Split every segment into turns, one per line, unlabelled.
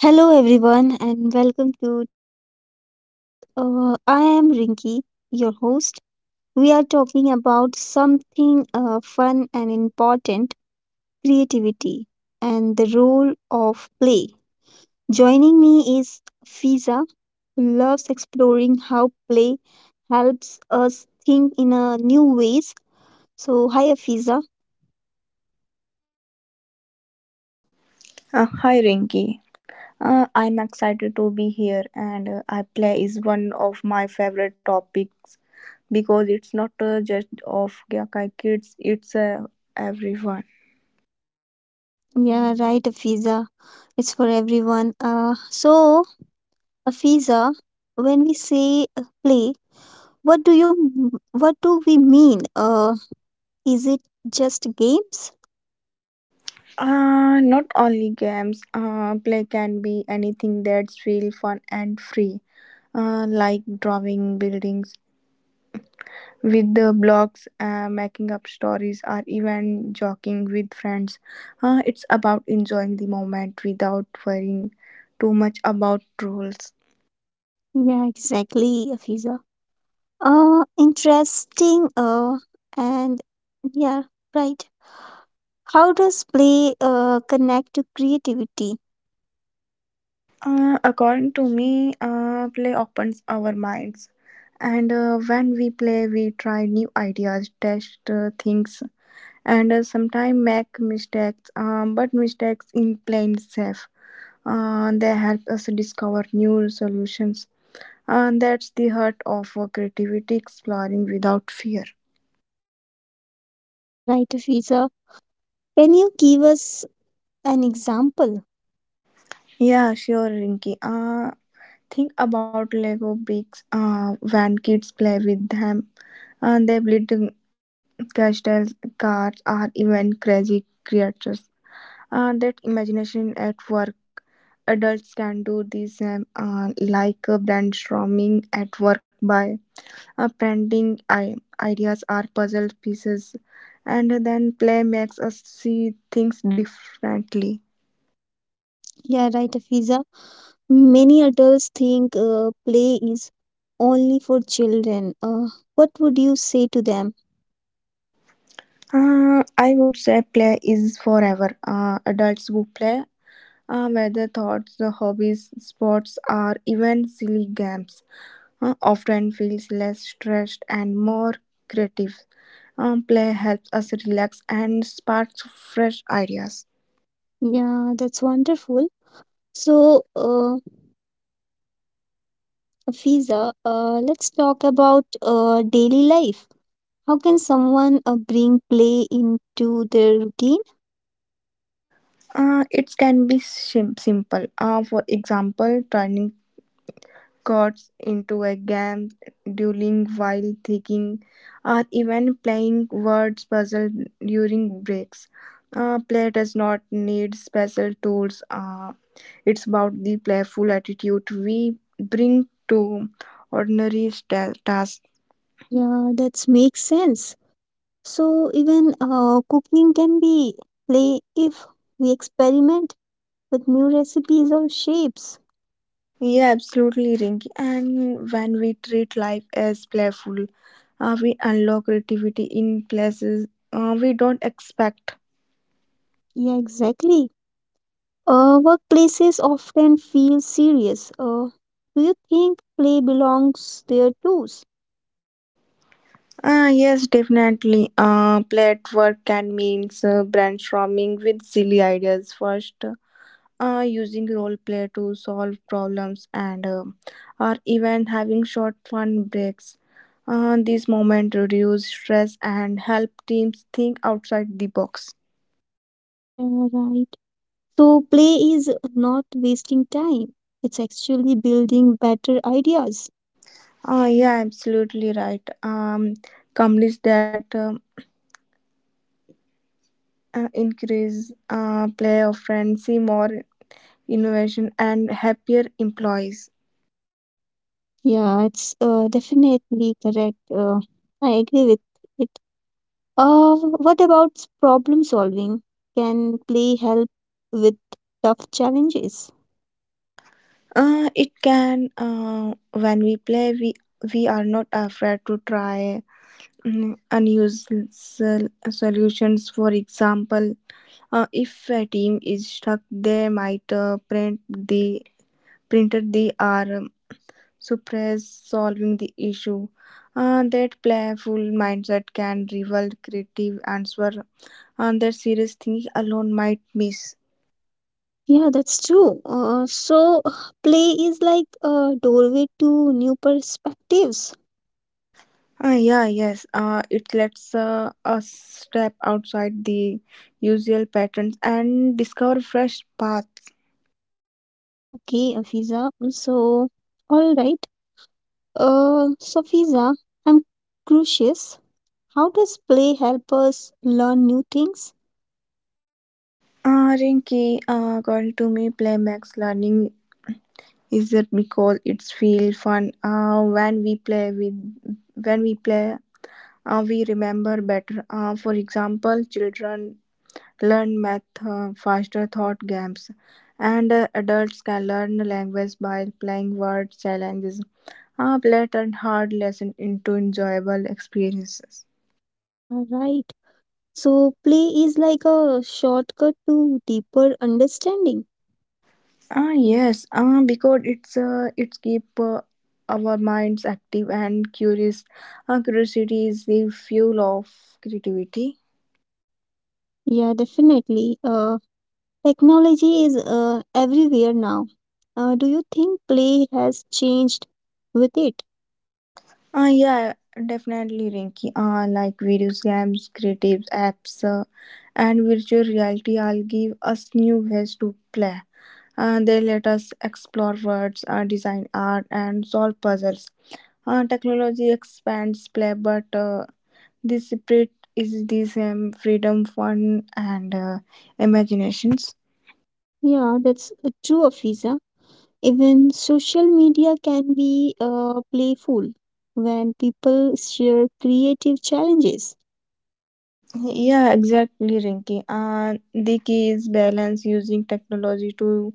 Hello, everyone, and welcome to today's podcast. I am Rinki, your host. We are talking about something fun and important, creativity and the role of play. Joining me is Fiza, who loves exploring how play helps us think in a new ways. So, hi, Fiza.
Hi Rinki. I'm excited to be here and I play is one of my favorite topics because it's not just of Gyakai kids, it's everyone.
Yeah, right, Fiza. It's for everyone. So, Afiza, when we say play, what do we mean? Is it just games?
Not only games, play can be anything that's feel fun and free. Like drawing buildings, with the blogs, making up stories, or even joking with friends. It's about enjoying the moment without worrying too much about rules.
Yeah, exactly, Afiza. Interesting. And yeah, right. How does play connect to creativity?
According to me, play opens our minds, and when we play, we try new ideas, test things, and sometimes make mistakes. But mistakes in playing safe. They help us discover new solutions. And that's the heart of creativity, exploring without fear.
Yeah, right, Afiza. Can you give us an example?
Yeah, sure, Rinky. Think about Lego bricks. When kids play with them, and they build castles, cars, or even crazy creatures. And that imagination at work. Adults can do the same, like brainstorming at work by branding ideas are puzzle pieces, and then play makes us see things differently.
Yeah, right, Afiza. Many adults think play is only for children. What would you say to them?
I would say play is forever. Adults who play, whether thoughts, hobbies, sports, or even silly games, often feels less stressed and more creative. Play helps us relax and sparks fresh ideas.
Yeah, that's wonderful. So, Fiza, let's talk about daily life. How can someone bring play into their routine?
It can be simple. For example, turning gods into a game, dueling while thinking, or even playing words puzzle during breaks. Play does not need special tools. It's about the playful attitude we bring to ordinary tasks.
Yeah, that makes sense. So, even cooking can be play if we experiment with new recipes or shapes.
Yeah, absolutely, Rinky. And when we treat life as playful, we unlock creativity in places we don't expect.
Yeah, exactly. Workplaces often feel serious. Do you think play belongs there too?
Ah, yes, definitely. Plate work can means brainstorming with silly ideas first, using role play to solve problems and or even having short fun breaks. These moments reduce stress and help teams think outside the box.
Yeah, right. So, play is not wasting time, it's actually building better ideas.
Yeah, absolutely right. Companies that increase play of friends see more innovation and happier employees.
Yeah, it's definitely correct. I agree with it. What about problem solving? Can play help with tough challenges?
It can. When we play, we are not afraid to try unusual solutions. For example, if a team is stuck, they might print the printed the arm suppress solving the issue. That playful mindset can rival creative answer, and that serious thinking alone might miss.
Yeah, that's true. So, play is like a doorway to new perspectives.
Ah, yeah, yes. It lets us step outside the usual patterns and discover fresh paths.
Okay, Afiza. So, all right. So, Fiza, I'm curious. How does play help us learn new things?
Rinky, according to me, play makes learning easier because it's feel fun. When we play, we remember better. For example, children learn math faster thought games, and adults can learn language by playing word challenges. Ah, play turned hard lessons into enjoyable experiences.
Yeah, right. So play is like a shortcut to deeper understanding.
Ah, yes. Ah, because it's keep our minds active and curious. Ah, curiosity is the fuel of creativity.
Yeah, definitely. Technology is everywhere now. Do you think play has changed with it?
Ah, yeah, definitely, Rinky. Ah, like video games, creative apps, and virtual reality all give us new ways to play. They let us explore words, design art, and solve puzzles. Technology expands play, but this separate is this freedom, fun, and imaginations.
Yeah, that's true, Afiza. Even social media can be playful when people share creative challenges.
Yeah, exactly, Rinky. The key is balance using technology to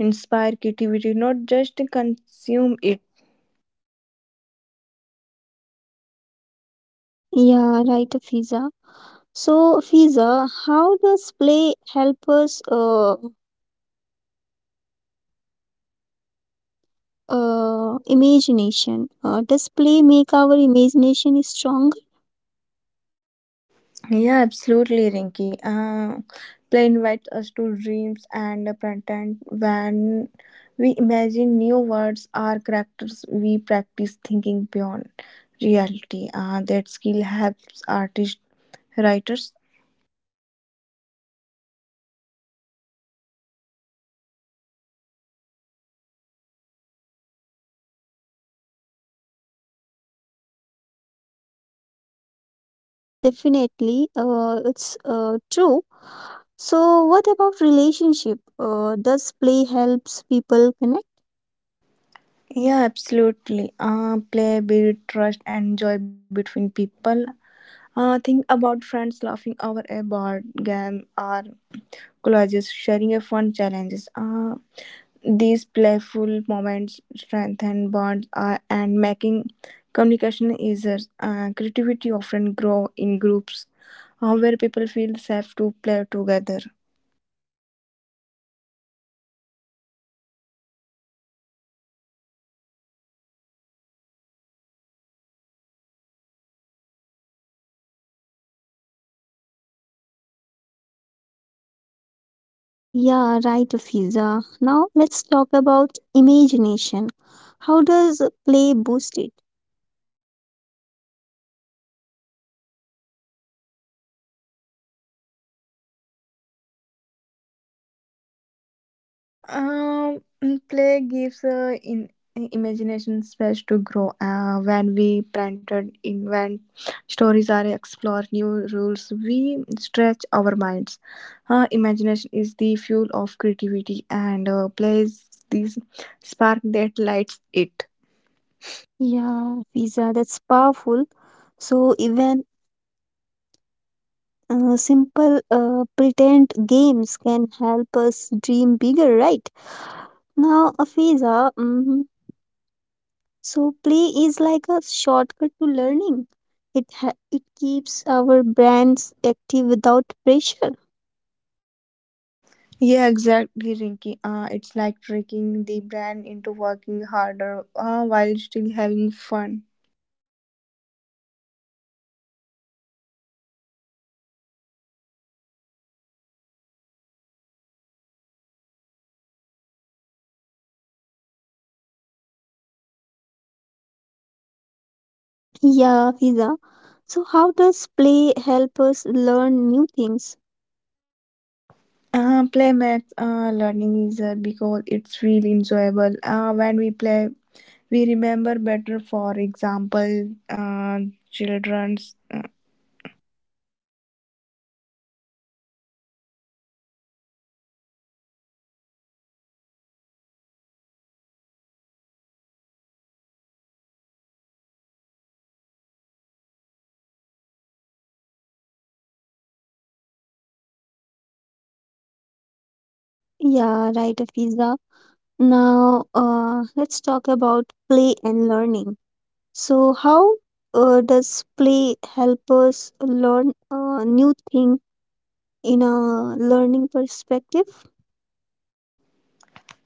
inspire creativity, not just consume it.
Yeah, right, Afiza. So, Fiza, how does play help us imagination? Does play make our imagination strong?
Yeah, absolutely, Rinky. Play invites us to dreams and pretend when we imagine new words or characters, we practice thinking beyond reality. That skill helps artists, writers.
Yeah, definitely. It's true. So, what about relationship? Does play helps people connect?
Yeah, absolutely. Play build trust and joy between people. Think about friends laughing over a board game or collages, sharing a fun challenges. These playful moments strengthen bonds and making communication easier. Creativity often grow in groups where people feel safe to play together.
Yeah, right, Fiza. Now let's talk about imagination. How does play boost it?
Um, Play gives in imagination space to grow. When we planted invent stories or explore new rules, we stretch our minds. Imagination is the fuel of creativity, and plays this spark that lights it.
Yeah, Fiza, that's powerful. So even simple pretend games can help us dream bigger, right? Now, Afiza, mhm, so play is like a shortcut to learning. It keeps our brains active without pressure.
Yeah, exactly, Rinky. It's like tricking the brain into working harder while still having fun.
Yeah, Afiza. So, how does play help us learn new things?
Play makes learning easier because it's really enjoyable. When we play, we remember better. For example, children's.
Yeah, right, Afiza. Now, let's talk about play and learning. So, how does play help us learn a new thing in a learning perspective?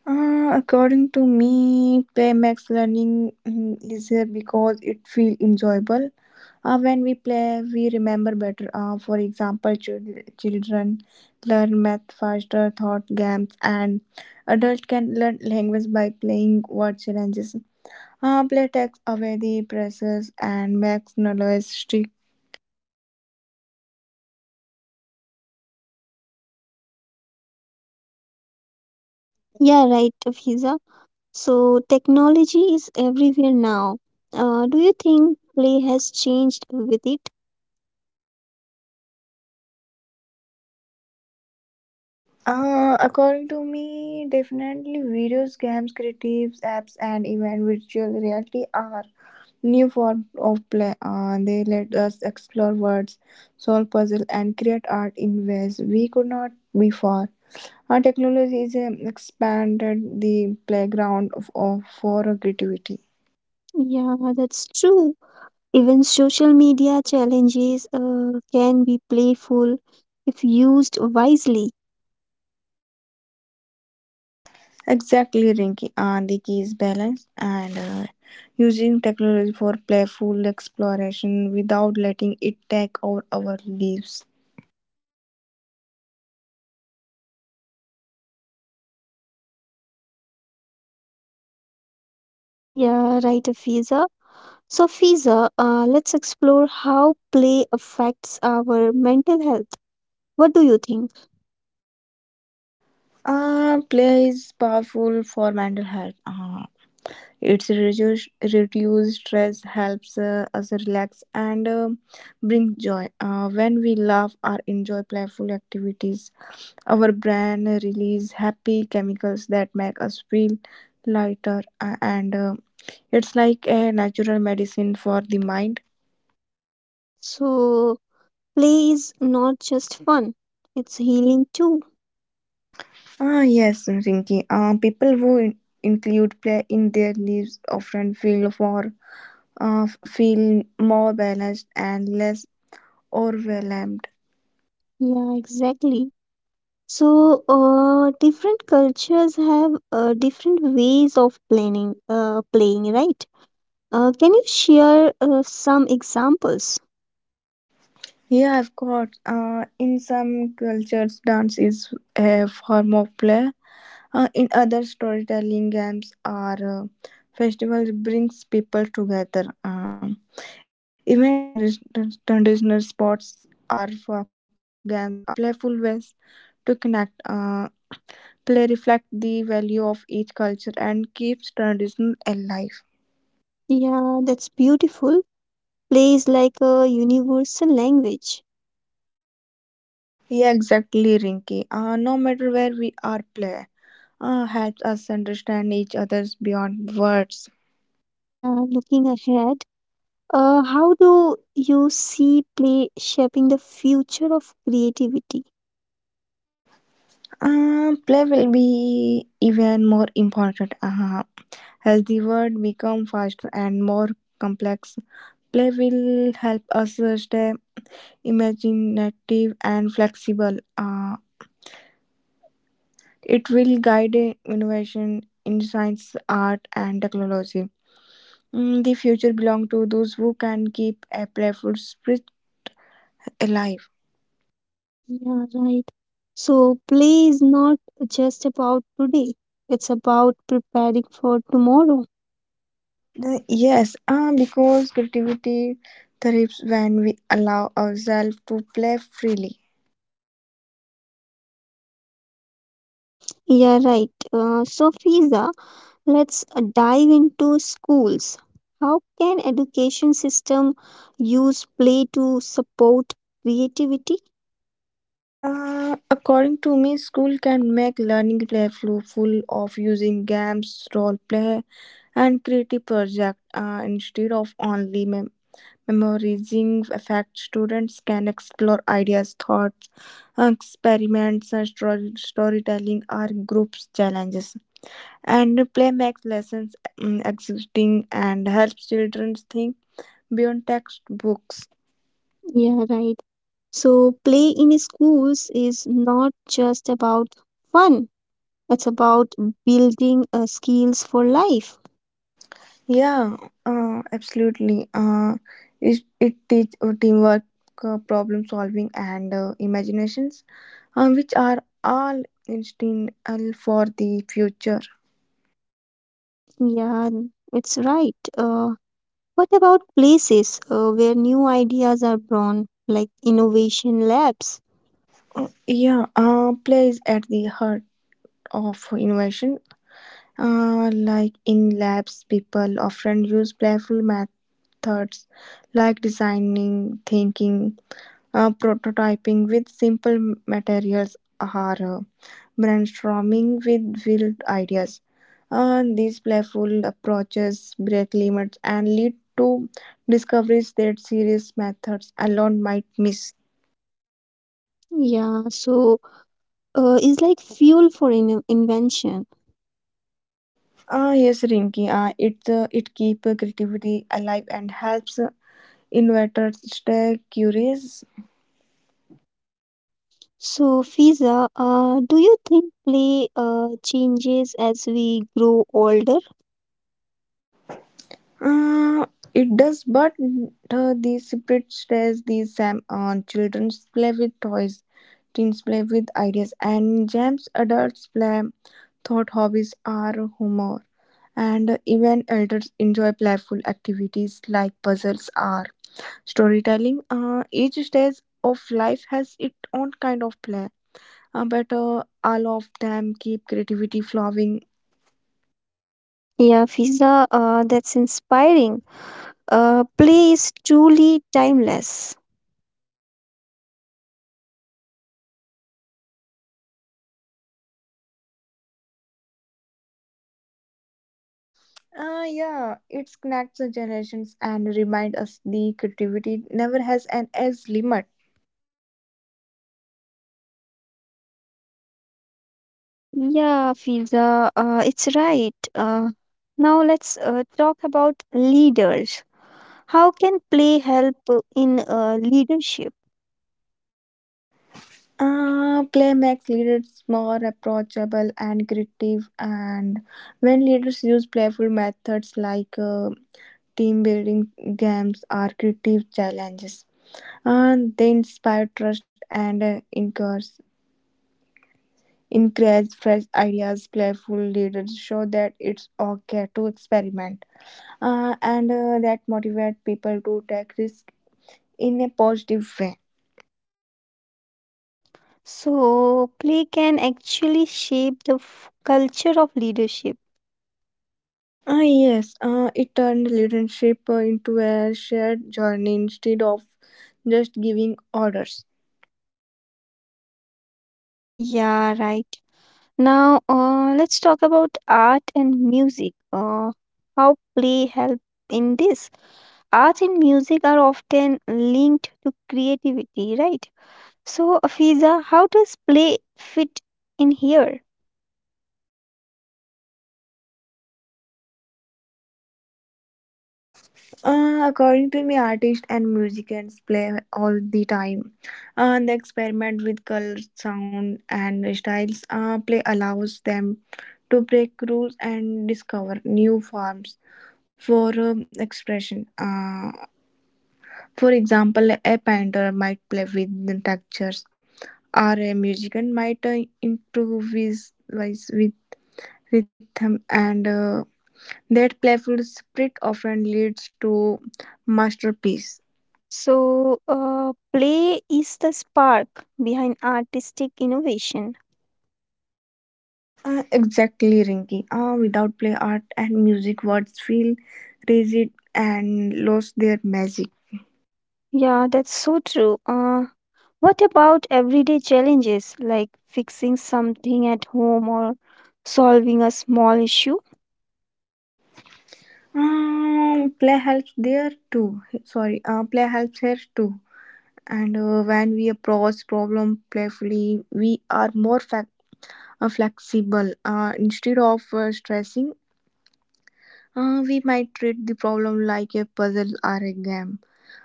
According to me, play makes learning easier because it feel enjoyable. When we play, we remember better. For example, children learn math faster, thought games, and adult can learn language by playing word challenges. Play takes away the presses and makes knowledge.
Yeah, right, Fiza. So, technology is everywhere now. Do you think play has changed with it?
According to me, definitely videos, games, creatives, apps, and even virtual reality are new form of play. They let us explore words, solve puzzle, and create art in ways we could not before. Our technology is expanded the playground of for creativity.
Yeah, that's true. Even social media challenges can be playful if used wisely.
Exactly, Rinky. And the key is balance and using technology for playful exploration without letting it take over our lives.
Yeah, right, Fiza. So, Fiza, let's explore how play affects our mental health. What do you think?
Play is powerful for mental health. Reduce stress, helps us relax, and bring joy. When we laugh or enjoy playful activities, our brain release happy chemicals that make us feel lighter and it's like a natural medicine for the mind.
So, play is not just fun, it's healing too.
Ah, yes, Rinki. Include play in their lives often feel more balanced and less overwhelmed.
Yeah, exactly. So, different cultures have different ways of planning, playing, right? Can you share some examples?
Yeah, of course. In some cultures, dance is a form of play. In other storytelling games or festivals brings people together. Even traditional sports or folk games are playful ways to connect. Play reflect the value of each culture and keeps tradition alive.
Yeah, that's beautiful. Play is like a universal language.
Yeah, exactly, Rinky. No matter where we are, play helps us understand each other's beyond words.
Yeah, looking ahead. How do you see play shaping the future of creativity?
Play will be even more important as the world become faster and more complex. Play will help us stay imaginative and flexible. It will guide innovation in science, art, and technology. The future belongs to those who can keep a playful spirit alive.
Yeah, right. So, play is not just about today, it's about preparing for tomorrow.
Yes, because creativity thrives when we allow ourselves to play freely.
Yeah, right. So, Fiza, let's dive into schools. How can education system use play to support creativity?
According to me, school can make learning playful, full of using games, role play, and creative project instead of only memorizing affects students can explore ideas, thoughts, experiments, and story, storytelling are groups challenges. And play makes lessons exciting and helps children think beyond textbooks.
Yeah, right. So, play in schools is not just about fun, it's about building skills for life.
Yeah, absolutely. It teach teamwork, problem solving, and imaginations, which are all instinctual for the future.
Yeah, it's right. What about places where new ideas are born, like innovation labs?
Yeah, play is at the heart of innovation. Like in labs, people often use playful methods like designing, thinking, prototyping with simple materials, or brainstorming with wild ideas. These playful approaches break limits and lead to discoveries that serious methods alone might miss.
Yeah, so it's like fuel for invention.
Ah, yes, Rinki. It keep creativity alive and helps inverted stay curious.
So, Fiza, do you think play changes as we grow older?
Uh, it does, but the spirit stays the same. On childrens play with toys, teens play with ideas, and gems. Adults play thought hobbies are humor, and even elders enjoy playful activities like puzzles or storytelling. Each stage of life has its own kind of play, but all of them keep creativity flowing.
Yeah, Fiza, that's inspiring. Play is truly timeless.
Ah, yeah, it connects the generations and remind us the creativity never has an age limit.
Yeah, Fiza, it's right. Now let's talk about leaders. How can play help in leadership?
Ah, play makes leaders more approachable and creative, and when leaders use playful methods like team building games or creative challenges, and they inspire trust and encourage fresh ideas. Playful leaders show that it's okay to experiment and that motivate people to take risks in a positive way.
So, play can actually shape the culture of leadership.
Ah, yes, it turned leadership into a shared journey instead of just giving orders.
Yeah, right. Now, let's talk about art and music. How play help in this? Art and music are often linked to creativity, right? So, Afiza, how does play fit in here?
According to me, artists and musicians play all the time. They experiment with color, sound, and styles. Play allows them to break rules and discover new forms for expression. For example, a painter might play with the textures, or a musician might improvise wise with rhythm, and that playful spirit often leads to masterpiece.
So, play is the spark behind artistic innovation.
Exactly, Rinky. Without play, art and music words feel rigid and lose their magic.
Yeah, that's so true. What about everyday challenges like fixing something at home or solving a small issue?
Play helps there too. Sorry, play helps here too. And when we approach problem playfully, we are more flexible. Instead of stressing, we might treat the problem like a puzzle or a game.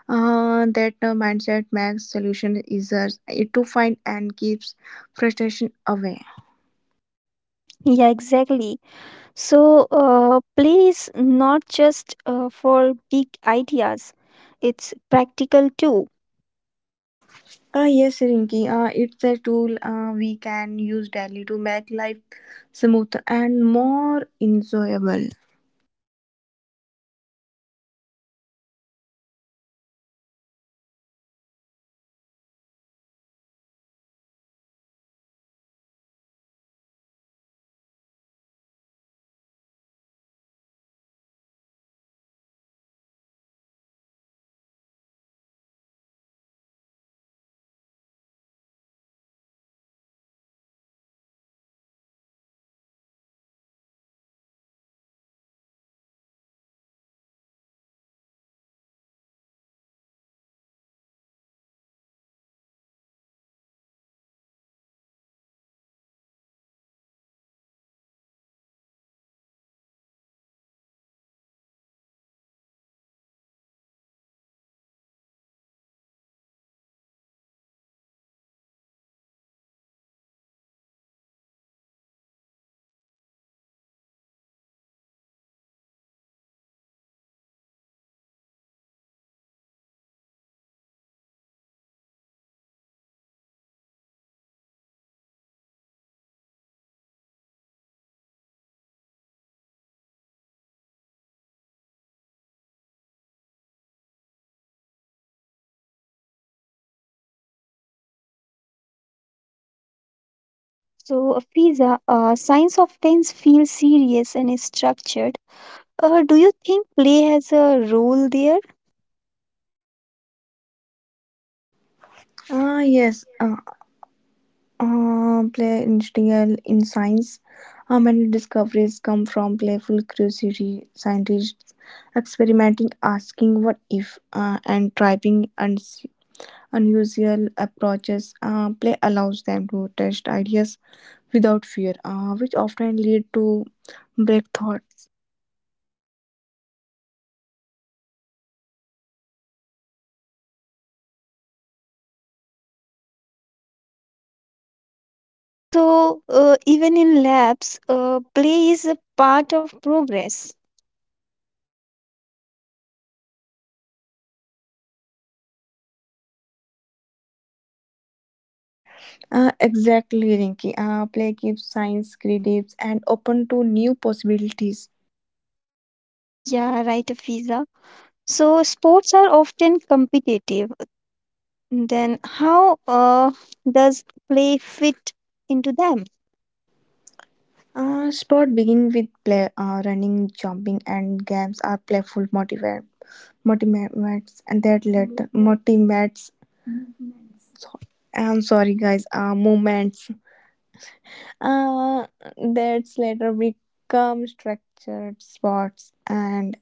That mindset makes solution easier to find and keeps frustration away.
Yeah, exactly. So, play is not just for big ideas, it's practical too.
Yes, Rinki, it's a tool we can use daily to make life smoother and more enjoyable.
Yeah, Fiza, right. So, Fiza, science often feels serious and structured. Do you think play has a role there? फिर से मैं बोलती हूँ, ये वाला। So, Fiza, science often feels serious and is structured. Do you think play has a role there?
Ah, yes, play integral in science. How many discoveries come from playful curiosity? Scientists experimenting, asking what if, and trying unusual approaches. Play allows them to test ideas without fear, which often lead to break thoughts.
So, even in labs, play is a part of progress.
Exactly, Rinki. Play keeps science creative and open to new possibilities.
Yeah, right, Fiza. So, sports are often competitive. Then, how does play fit into them?
Sport begin with play, running, jumping, and games are playful motivator, and that later motivates. I'm sorry, guys. Movements. Uh, that's later become structured sports and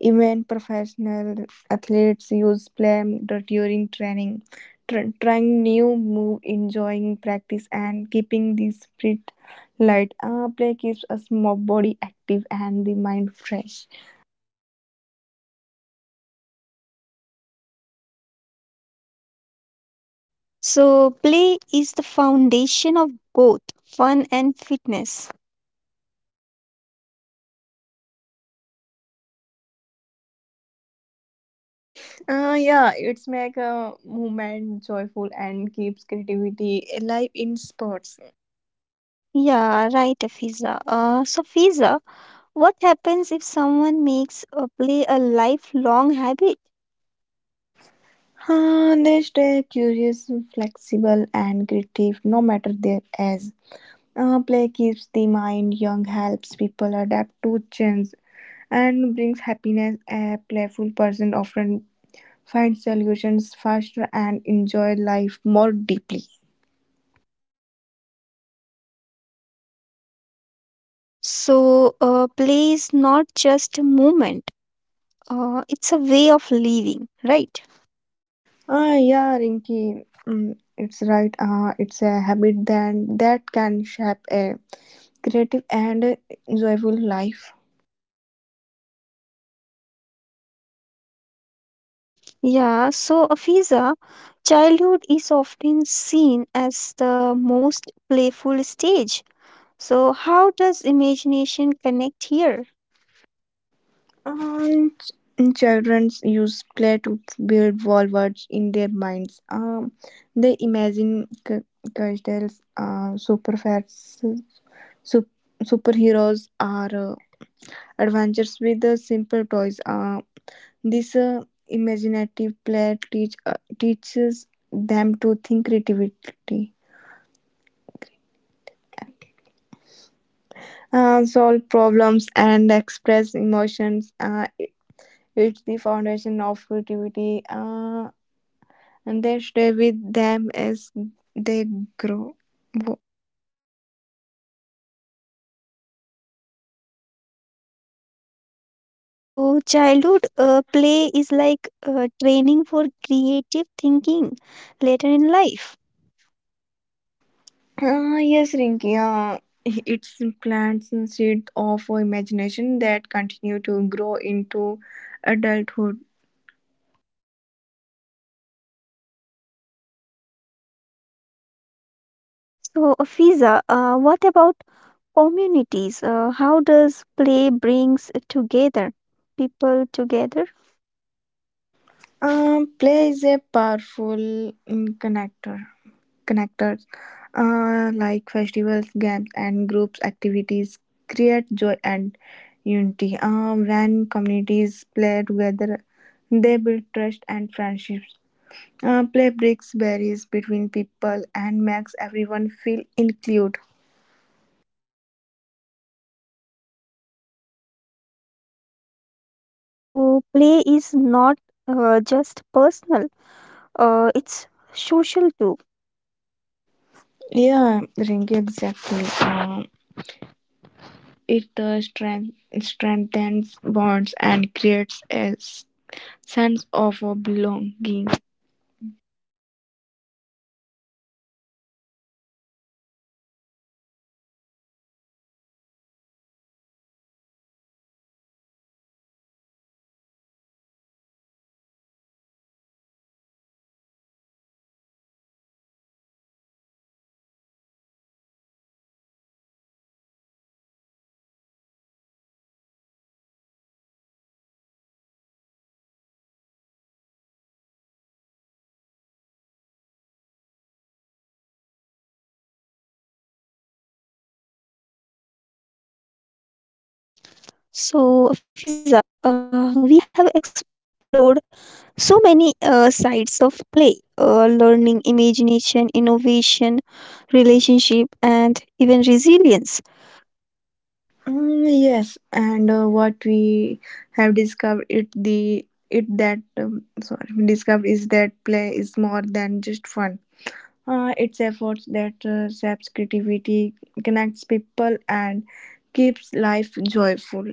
even professional athletes use play during training, trying new move, enjoying practice, and keeping the spirit light. Play keeps us body active and the mind fresh.
So, play is the foundation of both fun and fitness.
Yeah, it's make a movement joyful and keeps creativity alive in sports.
Yeah, right, Fiza. So, Fiza, what happens if someone makes play a lifelong habit?
They stay curious, flexible, and creative no matter their age. Play keeps the mind young, helps people adapt to change, and brings happiness. A playful person often finds solutions faster and enjoy life more deeply.
So, play is not just a movement, it's a way of living, right?
Ah, yeah, Rinky, it's right. It's a habit then that can shape a creative and joyful life.
Yeah, so Afiza, childhood is often seen as the most playful stage. So, how does imagination connect here?
Um, ch- Children use play to build worlds in their minds. They imagine c- customs, super fats, super superheroes are adventures with the simple toys. This imaginative play teaches them to think creativity, solve problems, and express emotions. It's the foundation of creativity, and they stay with them as they grow. Wo-
So, childhood play is like training for creative thinking later in life.
Yes, Rinki. It's plants and seeds of imagination that continue to grow into adulthood.
So, Afiza, what about communities, how does play brings together people together?
Play is a powerful connector. Connectors, like festivals, games, and groups activities, create joy and unity. When communities play together, they build trust and friendships. Play breaks barriers between people and makes everyone feel included.
So play is not just personal, it's social too.
Yeah, Rinky, exactly. It strengthens bonds and creates as sense of belonging.
So fiza, we have explored so many sides of play, learning, imagination, innovation, relationship, and even resilience.
Yes, and what we have discovered it the it that sorry discovered is that play is more than just fun. It's efforts that shapes creativity, connects people, and keeps life joyful.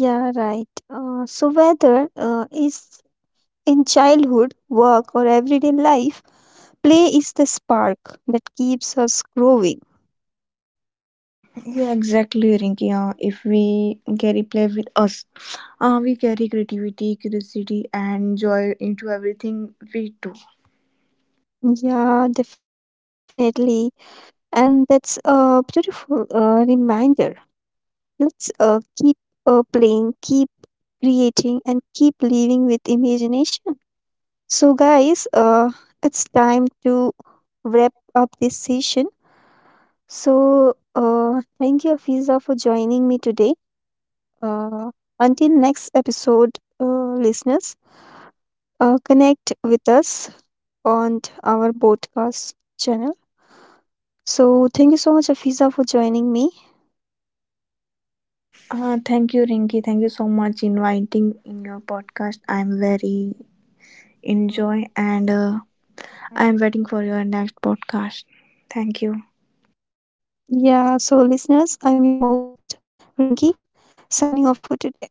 Yeah, right. Uh, so whether uh, is in childhood, work, or everyday life, play is the spark that keeps us growing.
Yeah, exactly, Rinki. If we carry play with us, we carry creativity, curiosity, and joy into everything we do.
Yeah, definitely. And that's a beautiful reminder. Let's keep playing, keep creating, and keep living with imagination. So, guys, it's time to wrap up this session. So, thank you, Afiza, for joining me today. Uh, until next episode, listeners. Connect with us on our podcast channel. So, thank you so much, Afiza, for joining me.
Thank you, Rinky. Thank you so much inviting in your podcast. I'm very enjoy and I'm waiting for your next podcast. Thank you.
Yeah, so listeners, I'm your host, Rinki, signing off for today.